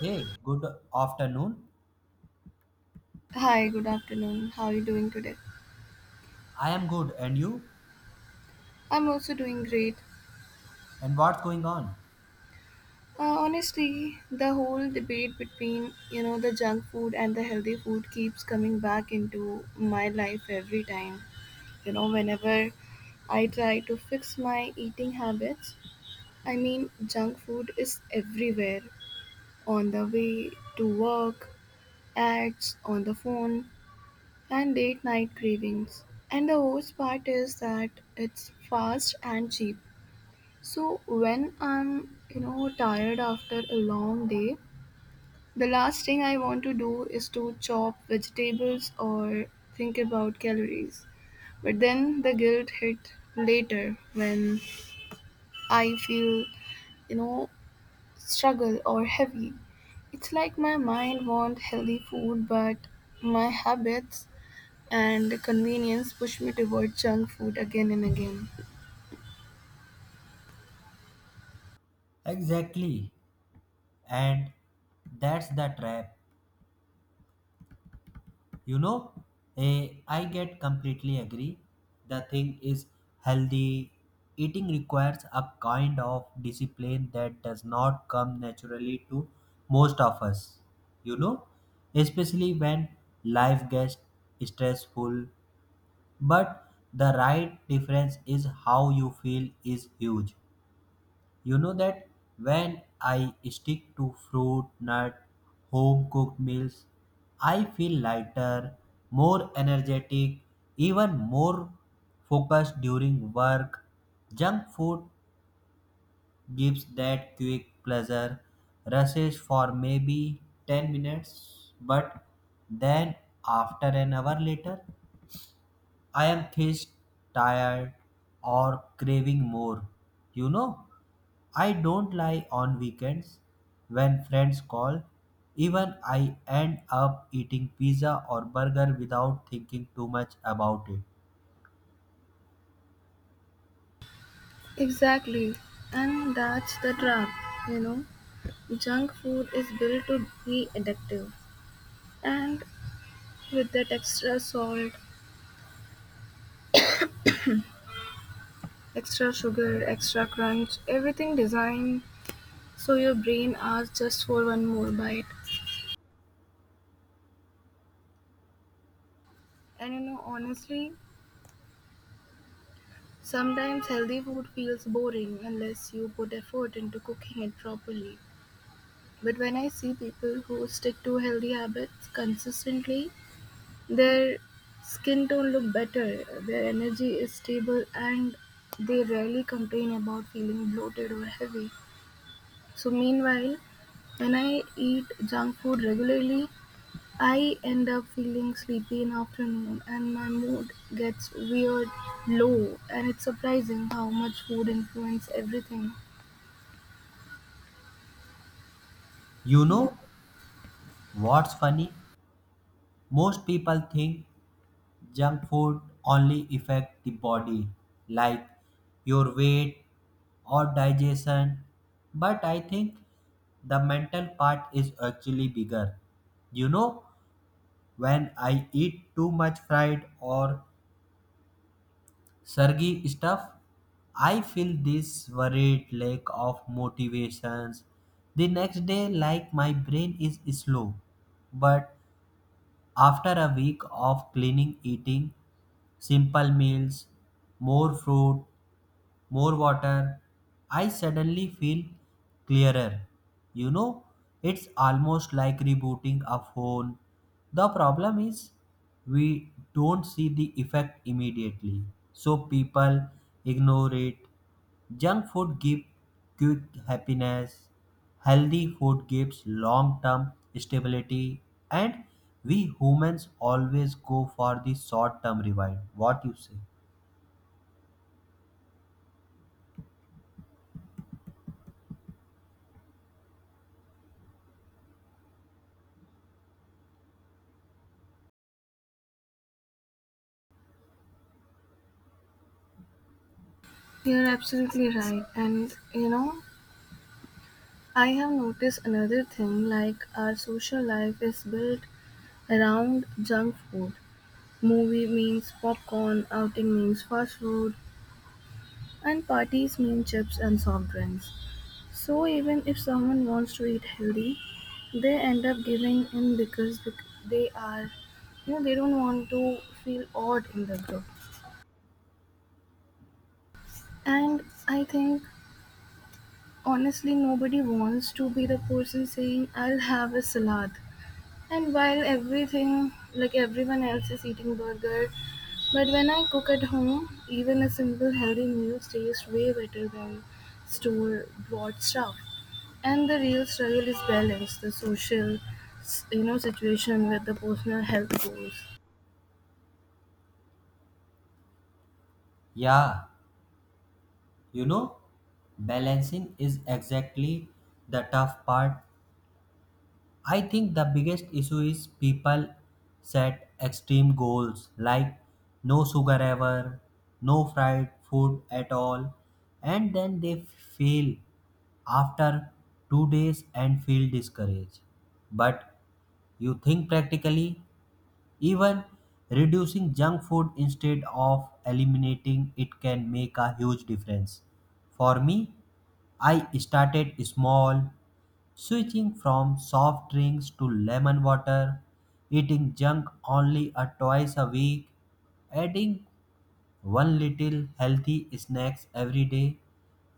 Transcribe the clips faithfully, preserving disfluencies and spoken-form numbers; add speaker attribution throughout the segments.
Speaker 1: Hey, good afternoon.
Speaker 2: Hi, good afternoon. How are you doing today?
Speaker 1: I am good, and you?
Speaker 2: I'm also doing great.
Speaker 1: And what's going on?
Speaker 2: Uh, honestly, the whole debate between, you know, the junk food and the healthy food keeps coming back into my life every time. You know, whenever I try to fix my eating habits, I mean, junk food is everywhere on the way to work, ads on the phone, and late night cravings. And the worst part is that it's fast and cheap. So when I'm, you know, tired after a long day, the last thing I want to do is to chop vegetables or think about calories. But then the guilt hit later when I feel, you know, struggle or heavy. It's like my mind wants healthy food, but my habits and convenience push me toward junk food again and again.
Speaker 1: Exactly. And that's the trap. You know, eh, I get completely agree. The thing is healthy. Eating requires a kind of discipline that does not come naturally to most of us. You know, especially when life gets stressful. But the right difference is how you feel is huge. You know that when I stick to fruit, nut, home cooked meals, I feel lighter, more energetic, even more focused during work. Junk food gives that quick pleasure, rushes for maybe ten minutes, but then after an hour later, I am thirsty, tired, or craving more. You know, I don't lie on weekends when friends call. Even I end up eating pizza or burger without thinking too much about it.
Speaker 2: Exactly. And that's the trap, you know. Junk food is built to be addictive, and with that extra salt, extra sugar, extra crunch, everything designed so your brain asks just for one more bite. And you know, honestly, sometimes healthy food feels boring unless you put effort into cooking it properly. But when I see people who stick to healthy habits consistently, their skin tone look better, their energy is stable and they rarely complain about feeling bloated or heavy. So meanwhile, when I eat junk food regularly, I end up feeling sleepy in afternoon and my mood gets weird low and it's surprising how much food influence everything.
Speaker 1: You know what's funny? Most people think junk food only affect the body, like your weight or digestion, but I think the mental part is actually bigger. You know, when I eat too much fried or surgy stuff, I feel this worried lack of motivations the next day, like my brain is slow. But after a week of cleaning eating simple meals, more fruit, more water, I suddenly feel clearer. You know, it's almost like rebooting a phone. The problem is we don't see the effect immediately, so people ignore it. Junk food gives quick happiness, healthy food gives long term stability, and we humans always go for the short term reward. What you say?
Speaker 2: You're absolutely right. And you know, I have noticed another thing like our social life is built around junk food. Movie means popcorn, outing means fast food, and parties mean chips and soft drinks. So even if someone wants to eat healthy, they end up giving in because bec- they are, you know, they don't want to feel odd in the group. And I think honestly, nobody wants to be the person saying, I'll have a salad. And while everything, like everyone else, is eating burger, but when I cook at home, even a simple healthy meal tastes way better than store bought stuff. And the real struggle is balance, the social, s- you know, situation with the personal health goals.
Speaker 1: Yeah. You know, balancing is exactly the tough part. I think the biggest issue is people set extreme goals like no sugar ever, no fried food at all, and then they fail after two days and feel discouraged. But you think practically, even reducing junk food instead of eliminating it can make a huge difference. For me, I started small, switching from soft drinks to lemon water, eating junk only a twice a week, adding one little healthy snacks every day.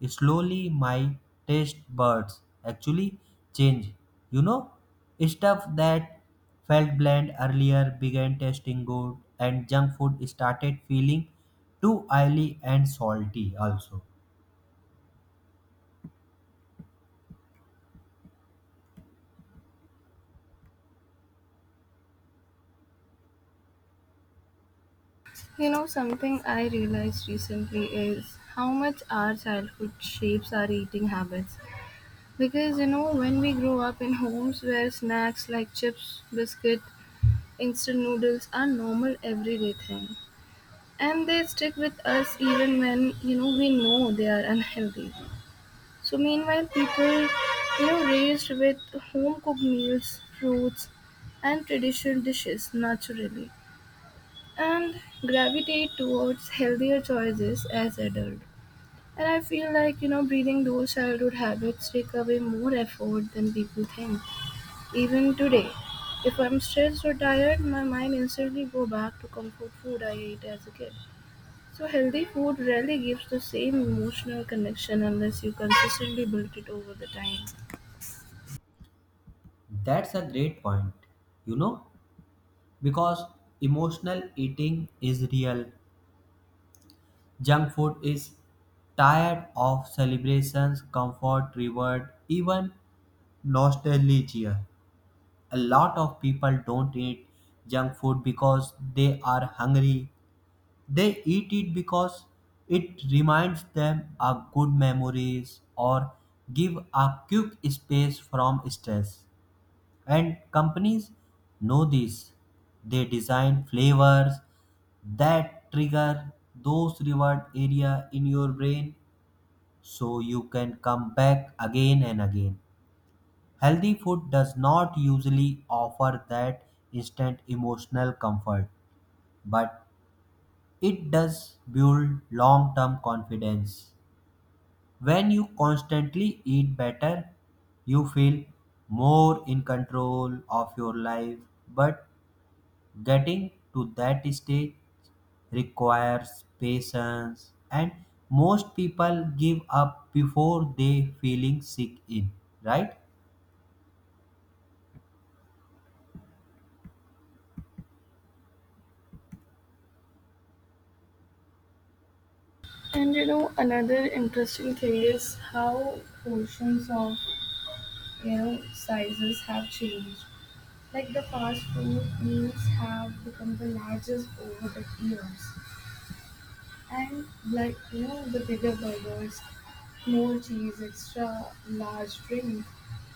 Speaker 1: Slowly my taste buds actually changed. You know, stuff that felt bland earlier began tasting good and junk food started feeling too oily and salty also.
Speaker 2: You know, something I realized recently is how much our childhood shapes our eating habits. Because, you know, when we grow up in homes where snacks like chips, biscuit, instant noodles are normal everyday thing and they stick with us even when you know we know they are unhealthy. So meanwhile people, you know, raised with home cooked meals, fruits, and traditional dishes naturally and gravitate towards healthier choices as adult. And I feel like, you know, breathing those childhood habits take away more effort than people think. Even today, if I'm stressed or tired, my mind instantly go back to comfort food I ate as a kid. So healthy food rarely gives the same emotional connection unless you consistently build it over the time.
Speaker 1: That's a great point. You know, because emotional eating is real. Junk food is tired of celebrations, comfort, reward, even nostalgia. A lot of people don't eat junk food because they are hungry. They eat it because it reminds them of good memories or give a quick space from stress. And companies know this. They design flavors that trigger those reward area in your brain so you can come back again and again. Healthy food does not usually offer that instant emotional comfort, but it does build long term confidence. When you constantly eat better, you feel more in control of your life. But getting to that stage requires patience and most people give up before they feeling sick in, right?
Speaker 2: And you know, another interesting thing is how portions of, you know, sizes have changed. Like the fast food meals have become the largest over the years. And like you know, the bigger burgers, more cheese, extra large drink.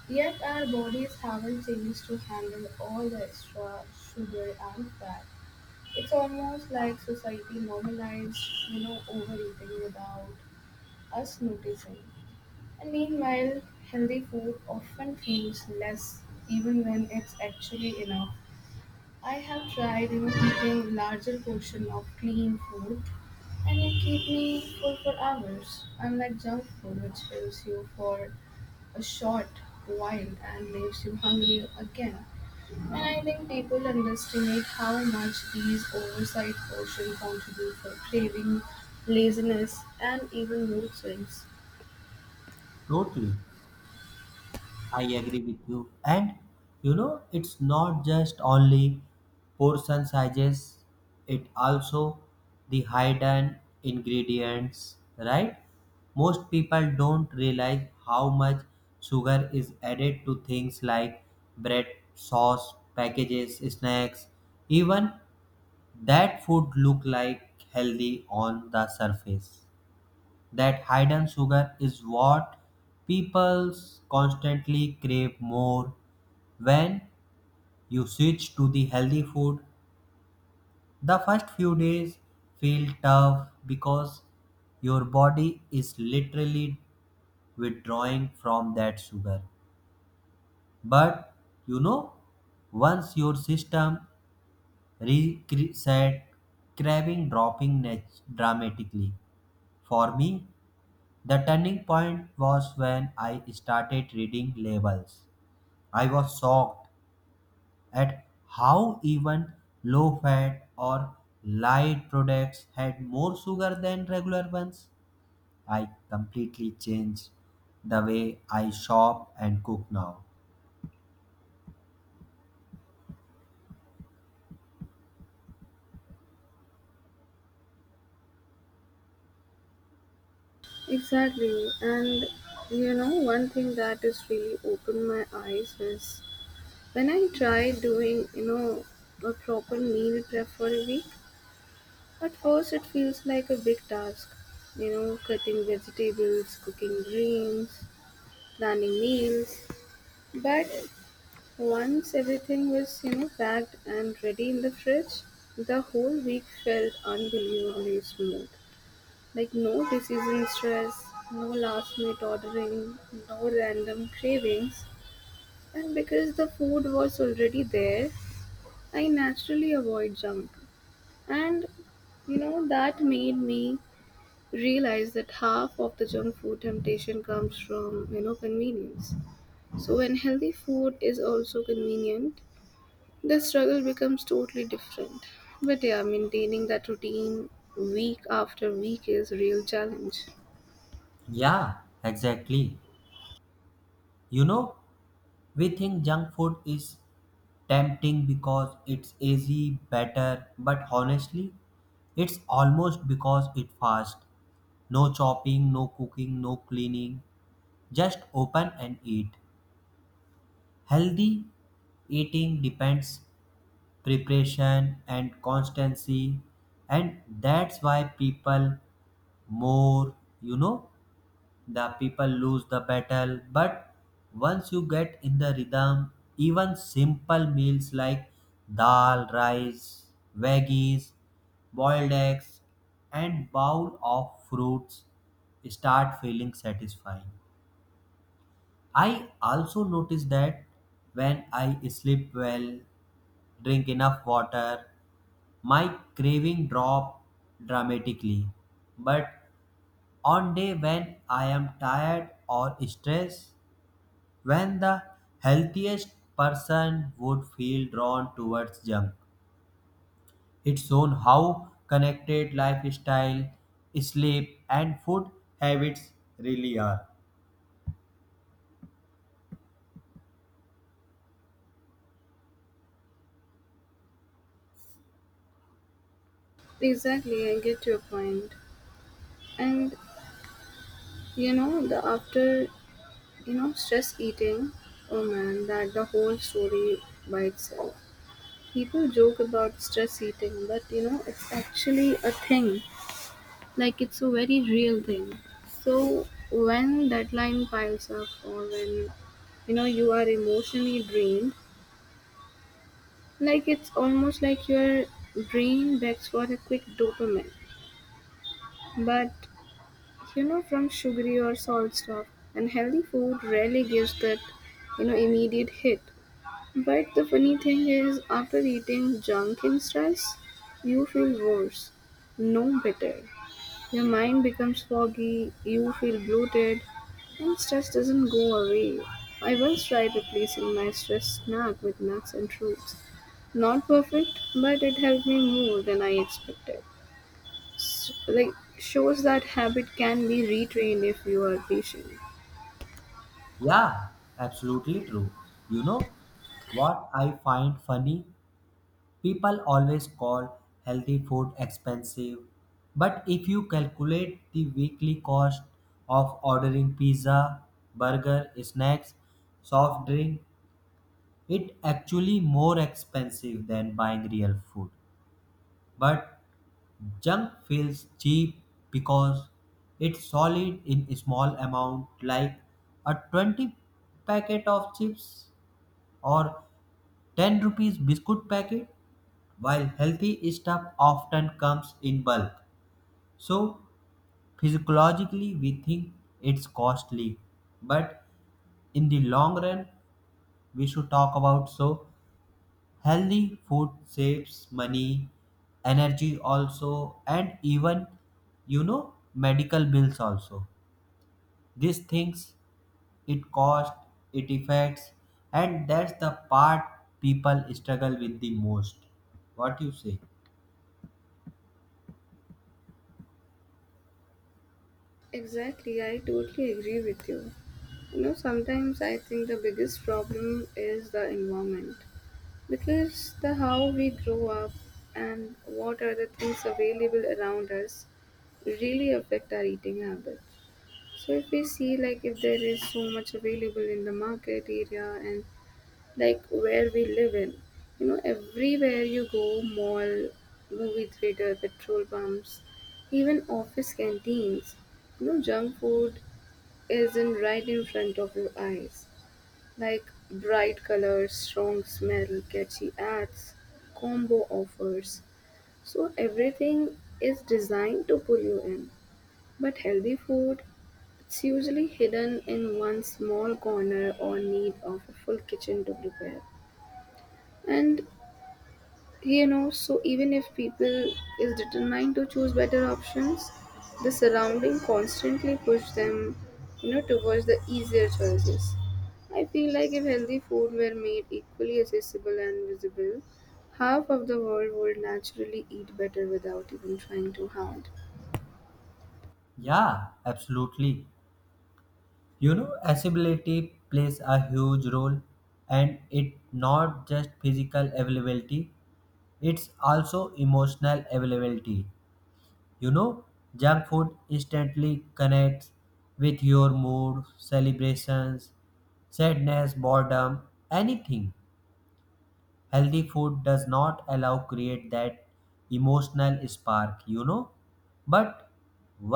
Speaker 2: Yet our bodies haven't changed to handle all the extra sugar and fat. It's almost like society normalized, you know, overeating without us noticing. And meanwhile, healthy food often feels less even when it's actually enough. I have tried, you know, eating larger portion of clean food and it keep me full for hours, unlike junk food which fills you for a short while and leaves you hungry again. And I think people underestimate how much these oversized portions contribute for craving, laziness, and even mood swings.
Speaker 1: Totally. I agree with you. And you know, it's not just only portion sizes, it also the hidden ingredients, right? Most people don't realize how much sugar is added to things like bread, sauce, packages, snacks, even that food look like healthy on the surface. That hidden sugar is what people constantly crave more. When you switch to the healthy food, the first few days feel tough because your body is literally withdrawing from that sugar. But you know, once your system reset, craving dropping nat- dramatically. For me, the turning point was when I started reading labels. I was shocked at how even low fat or light products had more sugar than regular ones. I completely changed the way I shop and cook now.
Speaker 2: Exactly. And you know, one thing that has really opened my eyes is when I try doing, you know, a proper meal prep for a week, at first it feels like a big task. You know, cutting vegetables, cooking greens, planning meals. But once everything was, you know, packed and ready in the fridge, the whole week felt unbelievably smooth. Like no decision stress, no last minute ordering, no random cravings. And because the food was already there, I naturally avoid junk. And you know, that made me realize that half of the junk food temptation comes from, you know, convenience. So when healthy food is also convenient, the struggle becomes totally different. But yeah, maintaining that routine week after week is real challenge.
Speaker 1: Yeah, exactly. You know, we think junk food is tempting because it's easy, better, but honestly, it's almost because it fast. No chopping, no cooking, no cleaning. Just open and eat. Healthy eating depends preparation and constancy, and that's why people more, you know, the people lose the battle. But once you get in the rhythm, even simple meals like dal rice, veggies, boiled eggs, and bowl of fruits start feeling satisfying. I also notice that when I sleep well, drink enough water, my craving drop dramatically. But on day when I am tired or stressed, when the healthiest person would feel drawn towards junk. It's shown how connected lifestyle, sleep and food habits really are.
Speaker 2: Exactly, I get your point. And you know, the after, you know, stress eating, oh man, that the whole story by itself. People joke about stress eating, but you know, it's actually a thing. Like, it's a very real thing. So, when deadline piles up, or when you know you are emotionally drained, like it's almost like your brain begs for a quick dopamine. But you know, from sugary or salt stuff, and healthy food rarely gives that, you know, immediate hit. But the funny thing is, after eating junk in stress, you feel worse, no better. Your mind becomes foggy, you feel bloated, and stress doesn't go away. I once tried replacing my stress snack with nuts and fruits. Not perfect, but it helped me more than I expected. S like shows that habit can be retrained if you are patient.
Speaker 1: Yeah, absolutely true. You know what I find funny? People always call healthy food expensive, but if you calculate the weekly cost of ordering pizza, burger, snacks, soft drink, it actually more expensive than buying real food. But junk feels cheap because it's solid in a small amount like a twenty packet of chips or ten rupees biscuit packet, while healthy stuff often comes in bulk. So physiologically we think it's costly, but in the long run we should talk about so healthy food saves money, energy also, and even you know medical bills also. These things it cost, it affects, and that's the part people struggle with the most. What you say?
Speaker 2: Exactly, I totally agree with you. You know, sometimes I think the biggest problem is the environment because the how we grow up and what are the things available around us really affect our eating habits. So if we see like if there is so much available in the market area and like where we live in, you know, everywhere you go, mall, movie theater, petrol pumps, even office canteens, you know, junk food isn't right in front of your eyes. Like bright colors, strong smell, catchy ads, combo offers. So everything is designed to pull you in. But healthy food, it's usually hidden in one small corner or need of a full kitchen to prepare. And you know, so even if people is determined to choose better options, the surrounding constantly push them, you know, towards the easier choices. I feel like if healthy food were made equally accessible and visible, half of the world would naturally eat better without even trying too hard.
Speaker 1: Yeah, absolutely. You know, accessibility plays a huge role and it not just physical availability, it's also emotional availability. You know, junk food instantly connects with your mood, celebrations, sadness, boredom, anything. Healthy food does not allow create that emotional spark, you know. But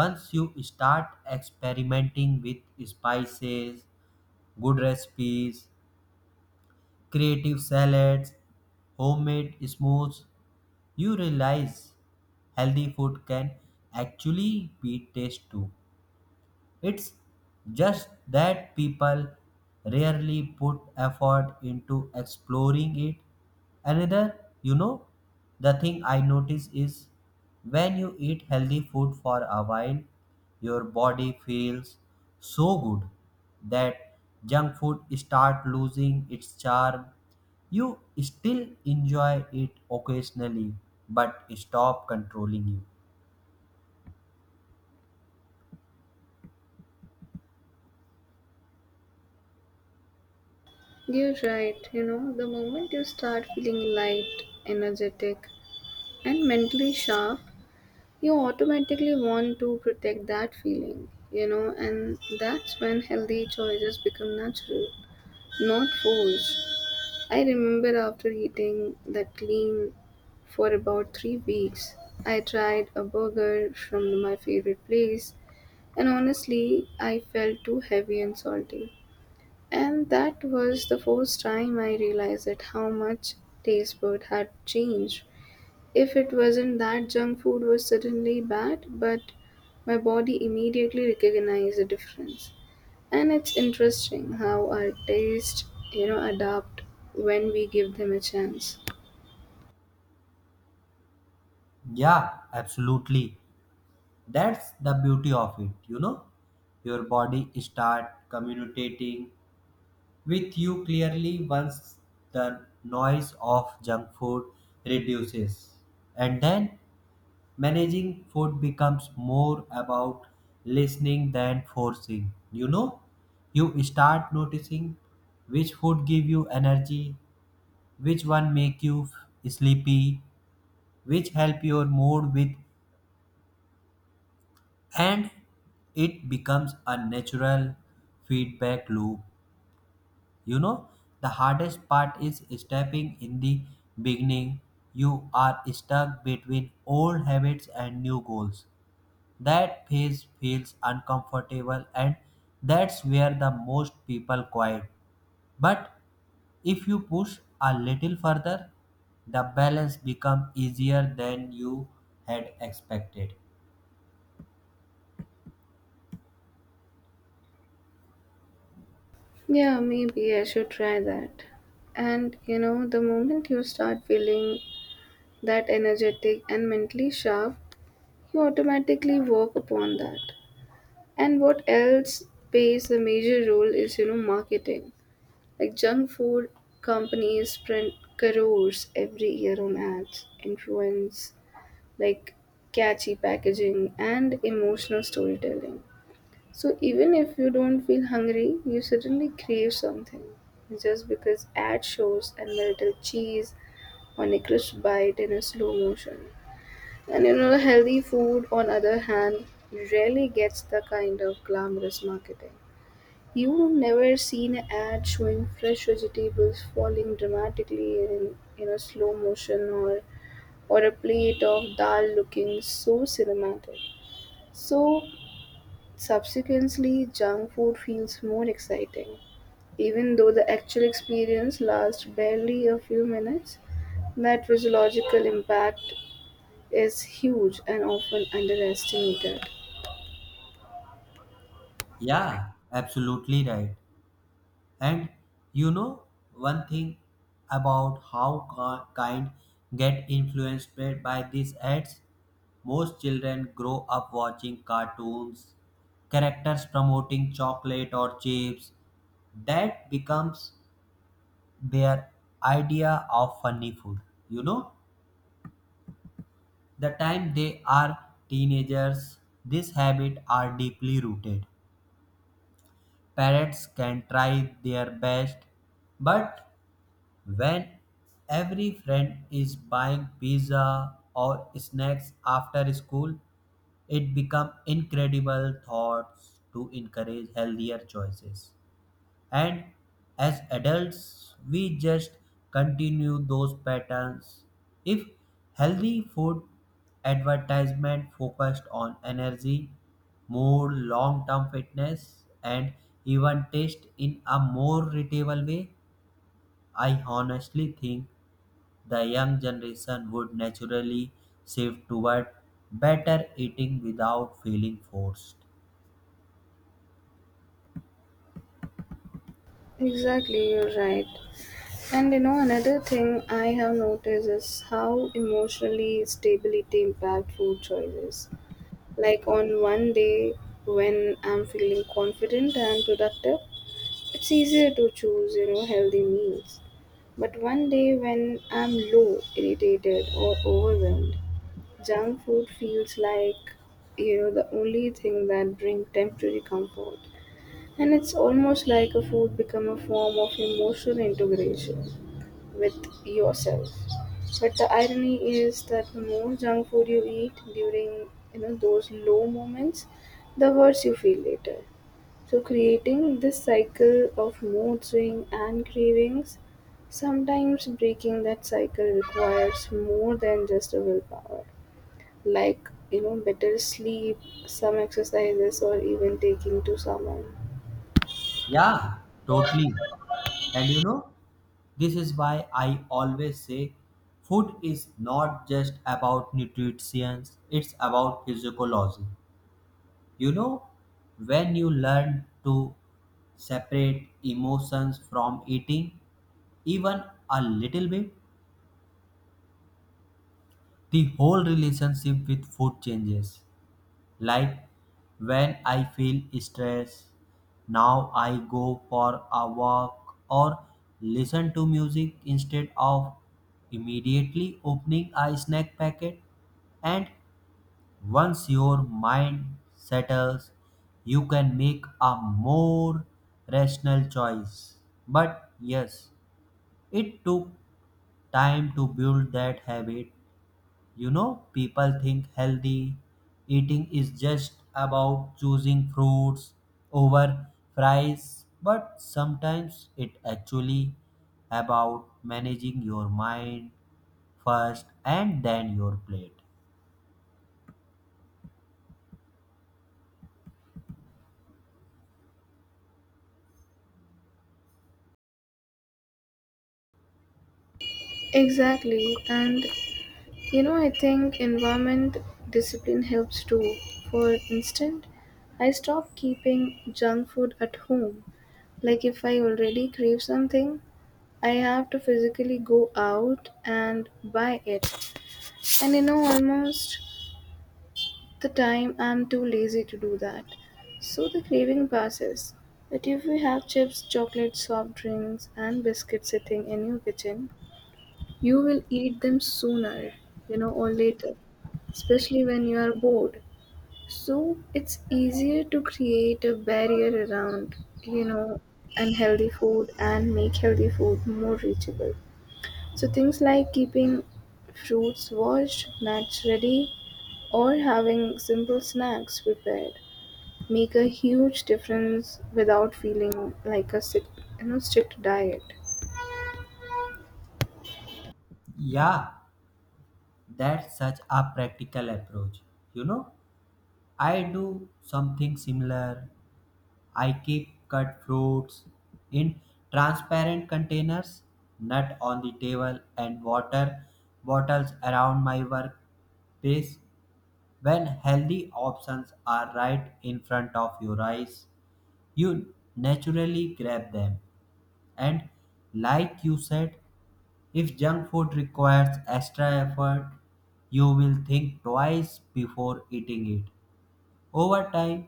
Speaker 1: once you start experimenting with spices, good recipes, creative salads, homemade smoothies, you realize healthy food can actually be taste too. It's just that people rarely put effort into exploring it. Another, you know, the thing I notice is when you eat healthy food for a while, your body feels so good that junk food start losing its charm. You still enjoy it occasionally, but stop controlling you.
Speaker 2: You're right, you know, the moment you start feeling light, energetic and mentally sharp, you automatically want to protect that feeling, you know, and that's when healthy choices become natural, not forced. I remember after eating that clean for about three weeks, I tried a burger from my favorite place, and honestly, I felt too heavy and salty. And that was the first time I realized that how much taste bud had changed. If it wasn't that junk food was certainly bad, but my body immediately recognized the difference. And it's interesting how our taste, you know, adapt when we give them a chance.
Speaker 1: Yeah, absolutely. That's the beauty of it, you know. Your body start communicating with you clearly once the noise of junk food reduces. And then managing food becomes more about listening than forcing. You know, you start noticing which food give you energy, which one make you sleepy, which help your mood with, and it becomes a natural feedback loop. You know, the hardest part is stepping in the beginning, you are stuck between old habits and new goals. That phase feels uncomfortable and that's where the most people quit. But if you push a little further, the balance becomes easier than you had expected.
Speaker 2: Yeah, maybe I should try that. And you know, the moment you start feeling that energetic and mentally sharp, you automatically work upon that. And what else plays a major role is, you know, marketing. Like junk food companies spend crores every year on ads, influence, like catchy packaging and emotional storytelling. So even if you don't feel hungry, you suddenly crave something. Just because ad shows and melted cheese on a crisp bite in a slow motion. And you know healthy food on other hand rarely gets the kind of glamorous marketing. You've never seen an ad showing fresh vegetables falling dramatically in, in a slow motion or or a plate of dal looking so cinematic. So subsequently junk food feels more exciting. Even though the actual experience lasts barely a few minutes, that physiological impact is huge and often underestimated.
Speaker 1: Yeah, absolutely right. And you know one thing about how ki- kind get influenced by by these ads? Most children grow up watching cartoons, characters promoting chocolate or chips. That becomes their idea of funny food. You know, the time they are teenagers, this habit are deeply rooted. Parents can try their best, but when every friend is buying pizza or snacks after school it become incredible thoughts to encourage healthier choices. And as adults we just continue those patterns. If healthy food advertisement focused on energy, more long-term fitness, and even taste in a more readable way, I honestly think the young generation would naturally shift toward better eating without feeling forced.
Speaker 2: Exactly, you're right. And you know, another thing I have noticed is how emotionally stability impact food choices. Like on one day when I'm feeling confident and productive, it's easier to choose, you know, healthy meals. But one day when I'm low, irritated or overwhelmed, junk food feels like, you know, the only thing that brings temporary comfort. And it's almost like a food become a form of emotional integration with yourself. But the irony is that the more junk food you eat during you know those low moments, the worse you feel later. So creating this cycle of mood swing and cravings, sometimes breaking that cycle requires more than just a willpower. Like, you know, better sleep, some exercises or even taking to someone.
Speaker 1: Yeah, totally. And you know, this is why I always say food is not just about nutrition, it's about physiology. You know, when you learn to separate emotions from eating, even a little bit, the whole relationship with food changes. Like when I feel stress, now I go for a walk or listen to music instead of immediately opening a snack packet. And once your mind settles, you can make a more rational choice. But yes, it took time to build that habit. You know, people think healthy eating is just about choosing fruits over fries, but sometimes it actually about managing your mind first and then your plate.
Speaker 2: Exactly. And you know, I think environment discipline helps too. For instance, I stop keeping junk food at home. Like if I already crave something, I have to physically go out and buy it. And you know, almost the time I'm too lazy to do that. So the craving passes. But if we have chips, chocolate, soft drinks, and biscuits sitting in your kitchen, you will eat them sooner, you know, or later, especially when you are bored. So it's easier to create a barrier around, you know, unhealthy food and make healthy food more reachable. So things like keeping fruits washed, nuts ready, or having simple snacks prepared make a huge difference without feeling like a strict, you know, strict diet.
Speaker 1: Yeah, that's such a practical approach. You know, I do something similar. I keep cut fruits in transparent containers, nut on the table, and water bottles around my workplace. When healthy options are right in front of your eyes, you naturally grab them. And like you said, if junk food requires extra effort, you will think twice before eating it. Over time,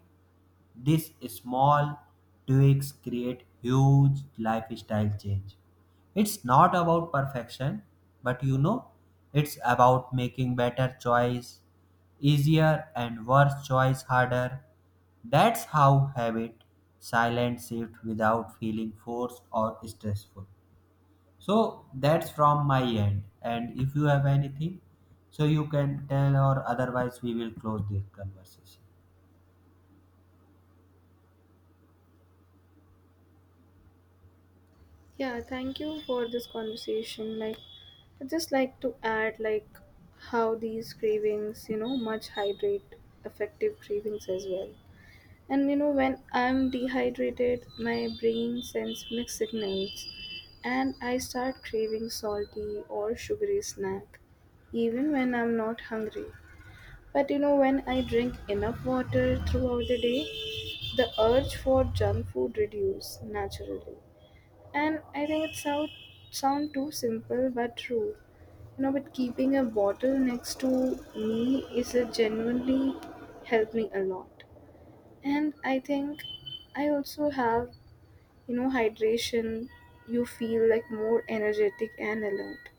Speaker 1: these small tweaks create huge lifestyle change. It's not about perfection, but you know, it's about making better choice easier and worse choice harder. That's how habit silent shift without feeling forced or stressful. So that's from my end. And if you have anything, so you can tell or otherwise we will close this conversation.
Speaker 2: Yeah, thank you for this conversation. Like, I just like to add like how these cravings, you know, much hydrate effective cravings as well. And you know, when I'm dehydrated, my brain sends mixed signals, and I start craving salty or sugary snack, even when I'm not hungry. But you know, when I drink enough water throughout the day, the urge for junk food reduce naturally and I think it sound, sound too simple but true. You know, but keeping a bottle next to me is a genuinely helped me a lot. And I think I also have, you know, hydration. You feel like more energetic and alert,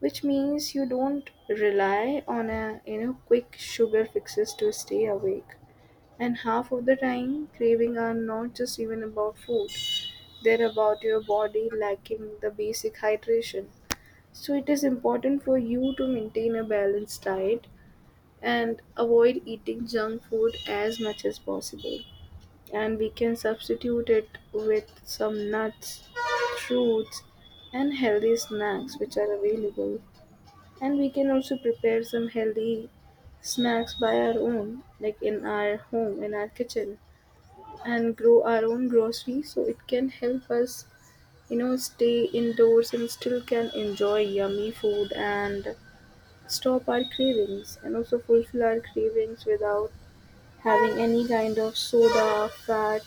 Speaker 2: which means you don't rely on a, you know, quick sugar fixes to stay awake. And half of the time, craving are not just even about food. There about your body lacking the basic hydration. So, it is important for you to maintain a balanced diet and avoid eating junk food as much as possible. And we can substitute it with some nuts, fruits, and healthy snacks which are available. And we can also prepare some healthy snacks by our own, like in our home, in our kitchen, and grow our own grocery so it can help us, you know, stay indoors and still can enjoy yummy food and stop our cravings and also fulfill our cravings without having any kind of soda fat,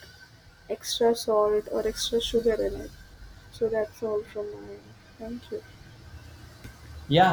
Speaker 2: extra salt or extra sugar in it. So that's all from my end. Thank you.
Speaker 1: Yeah,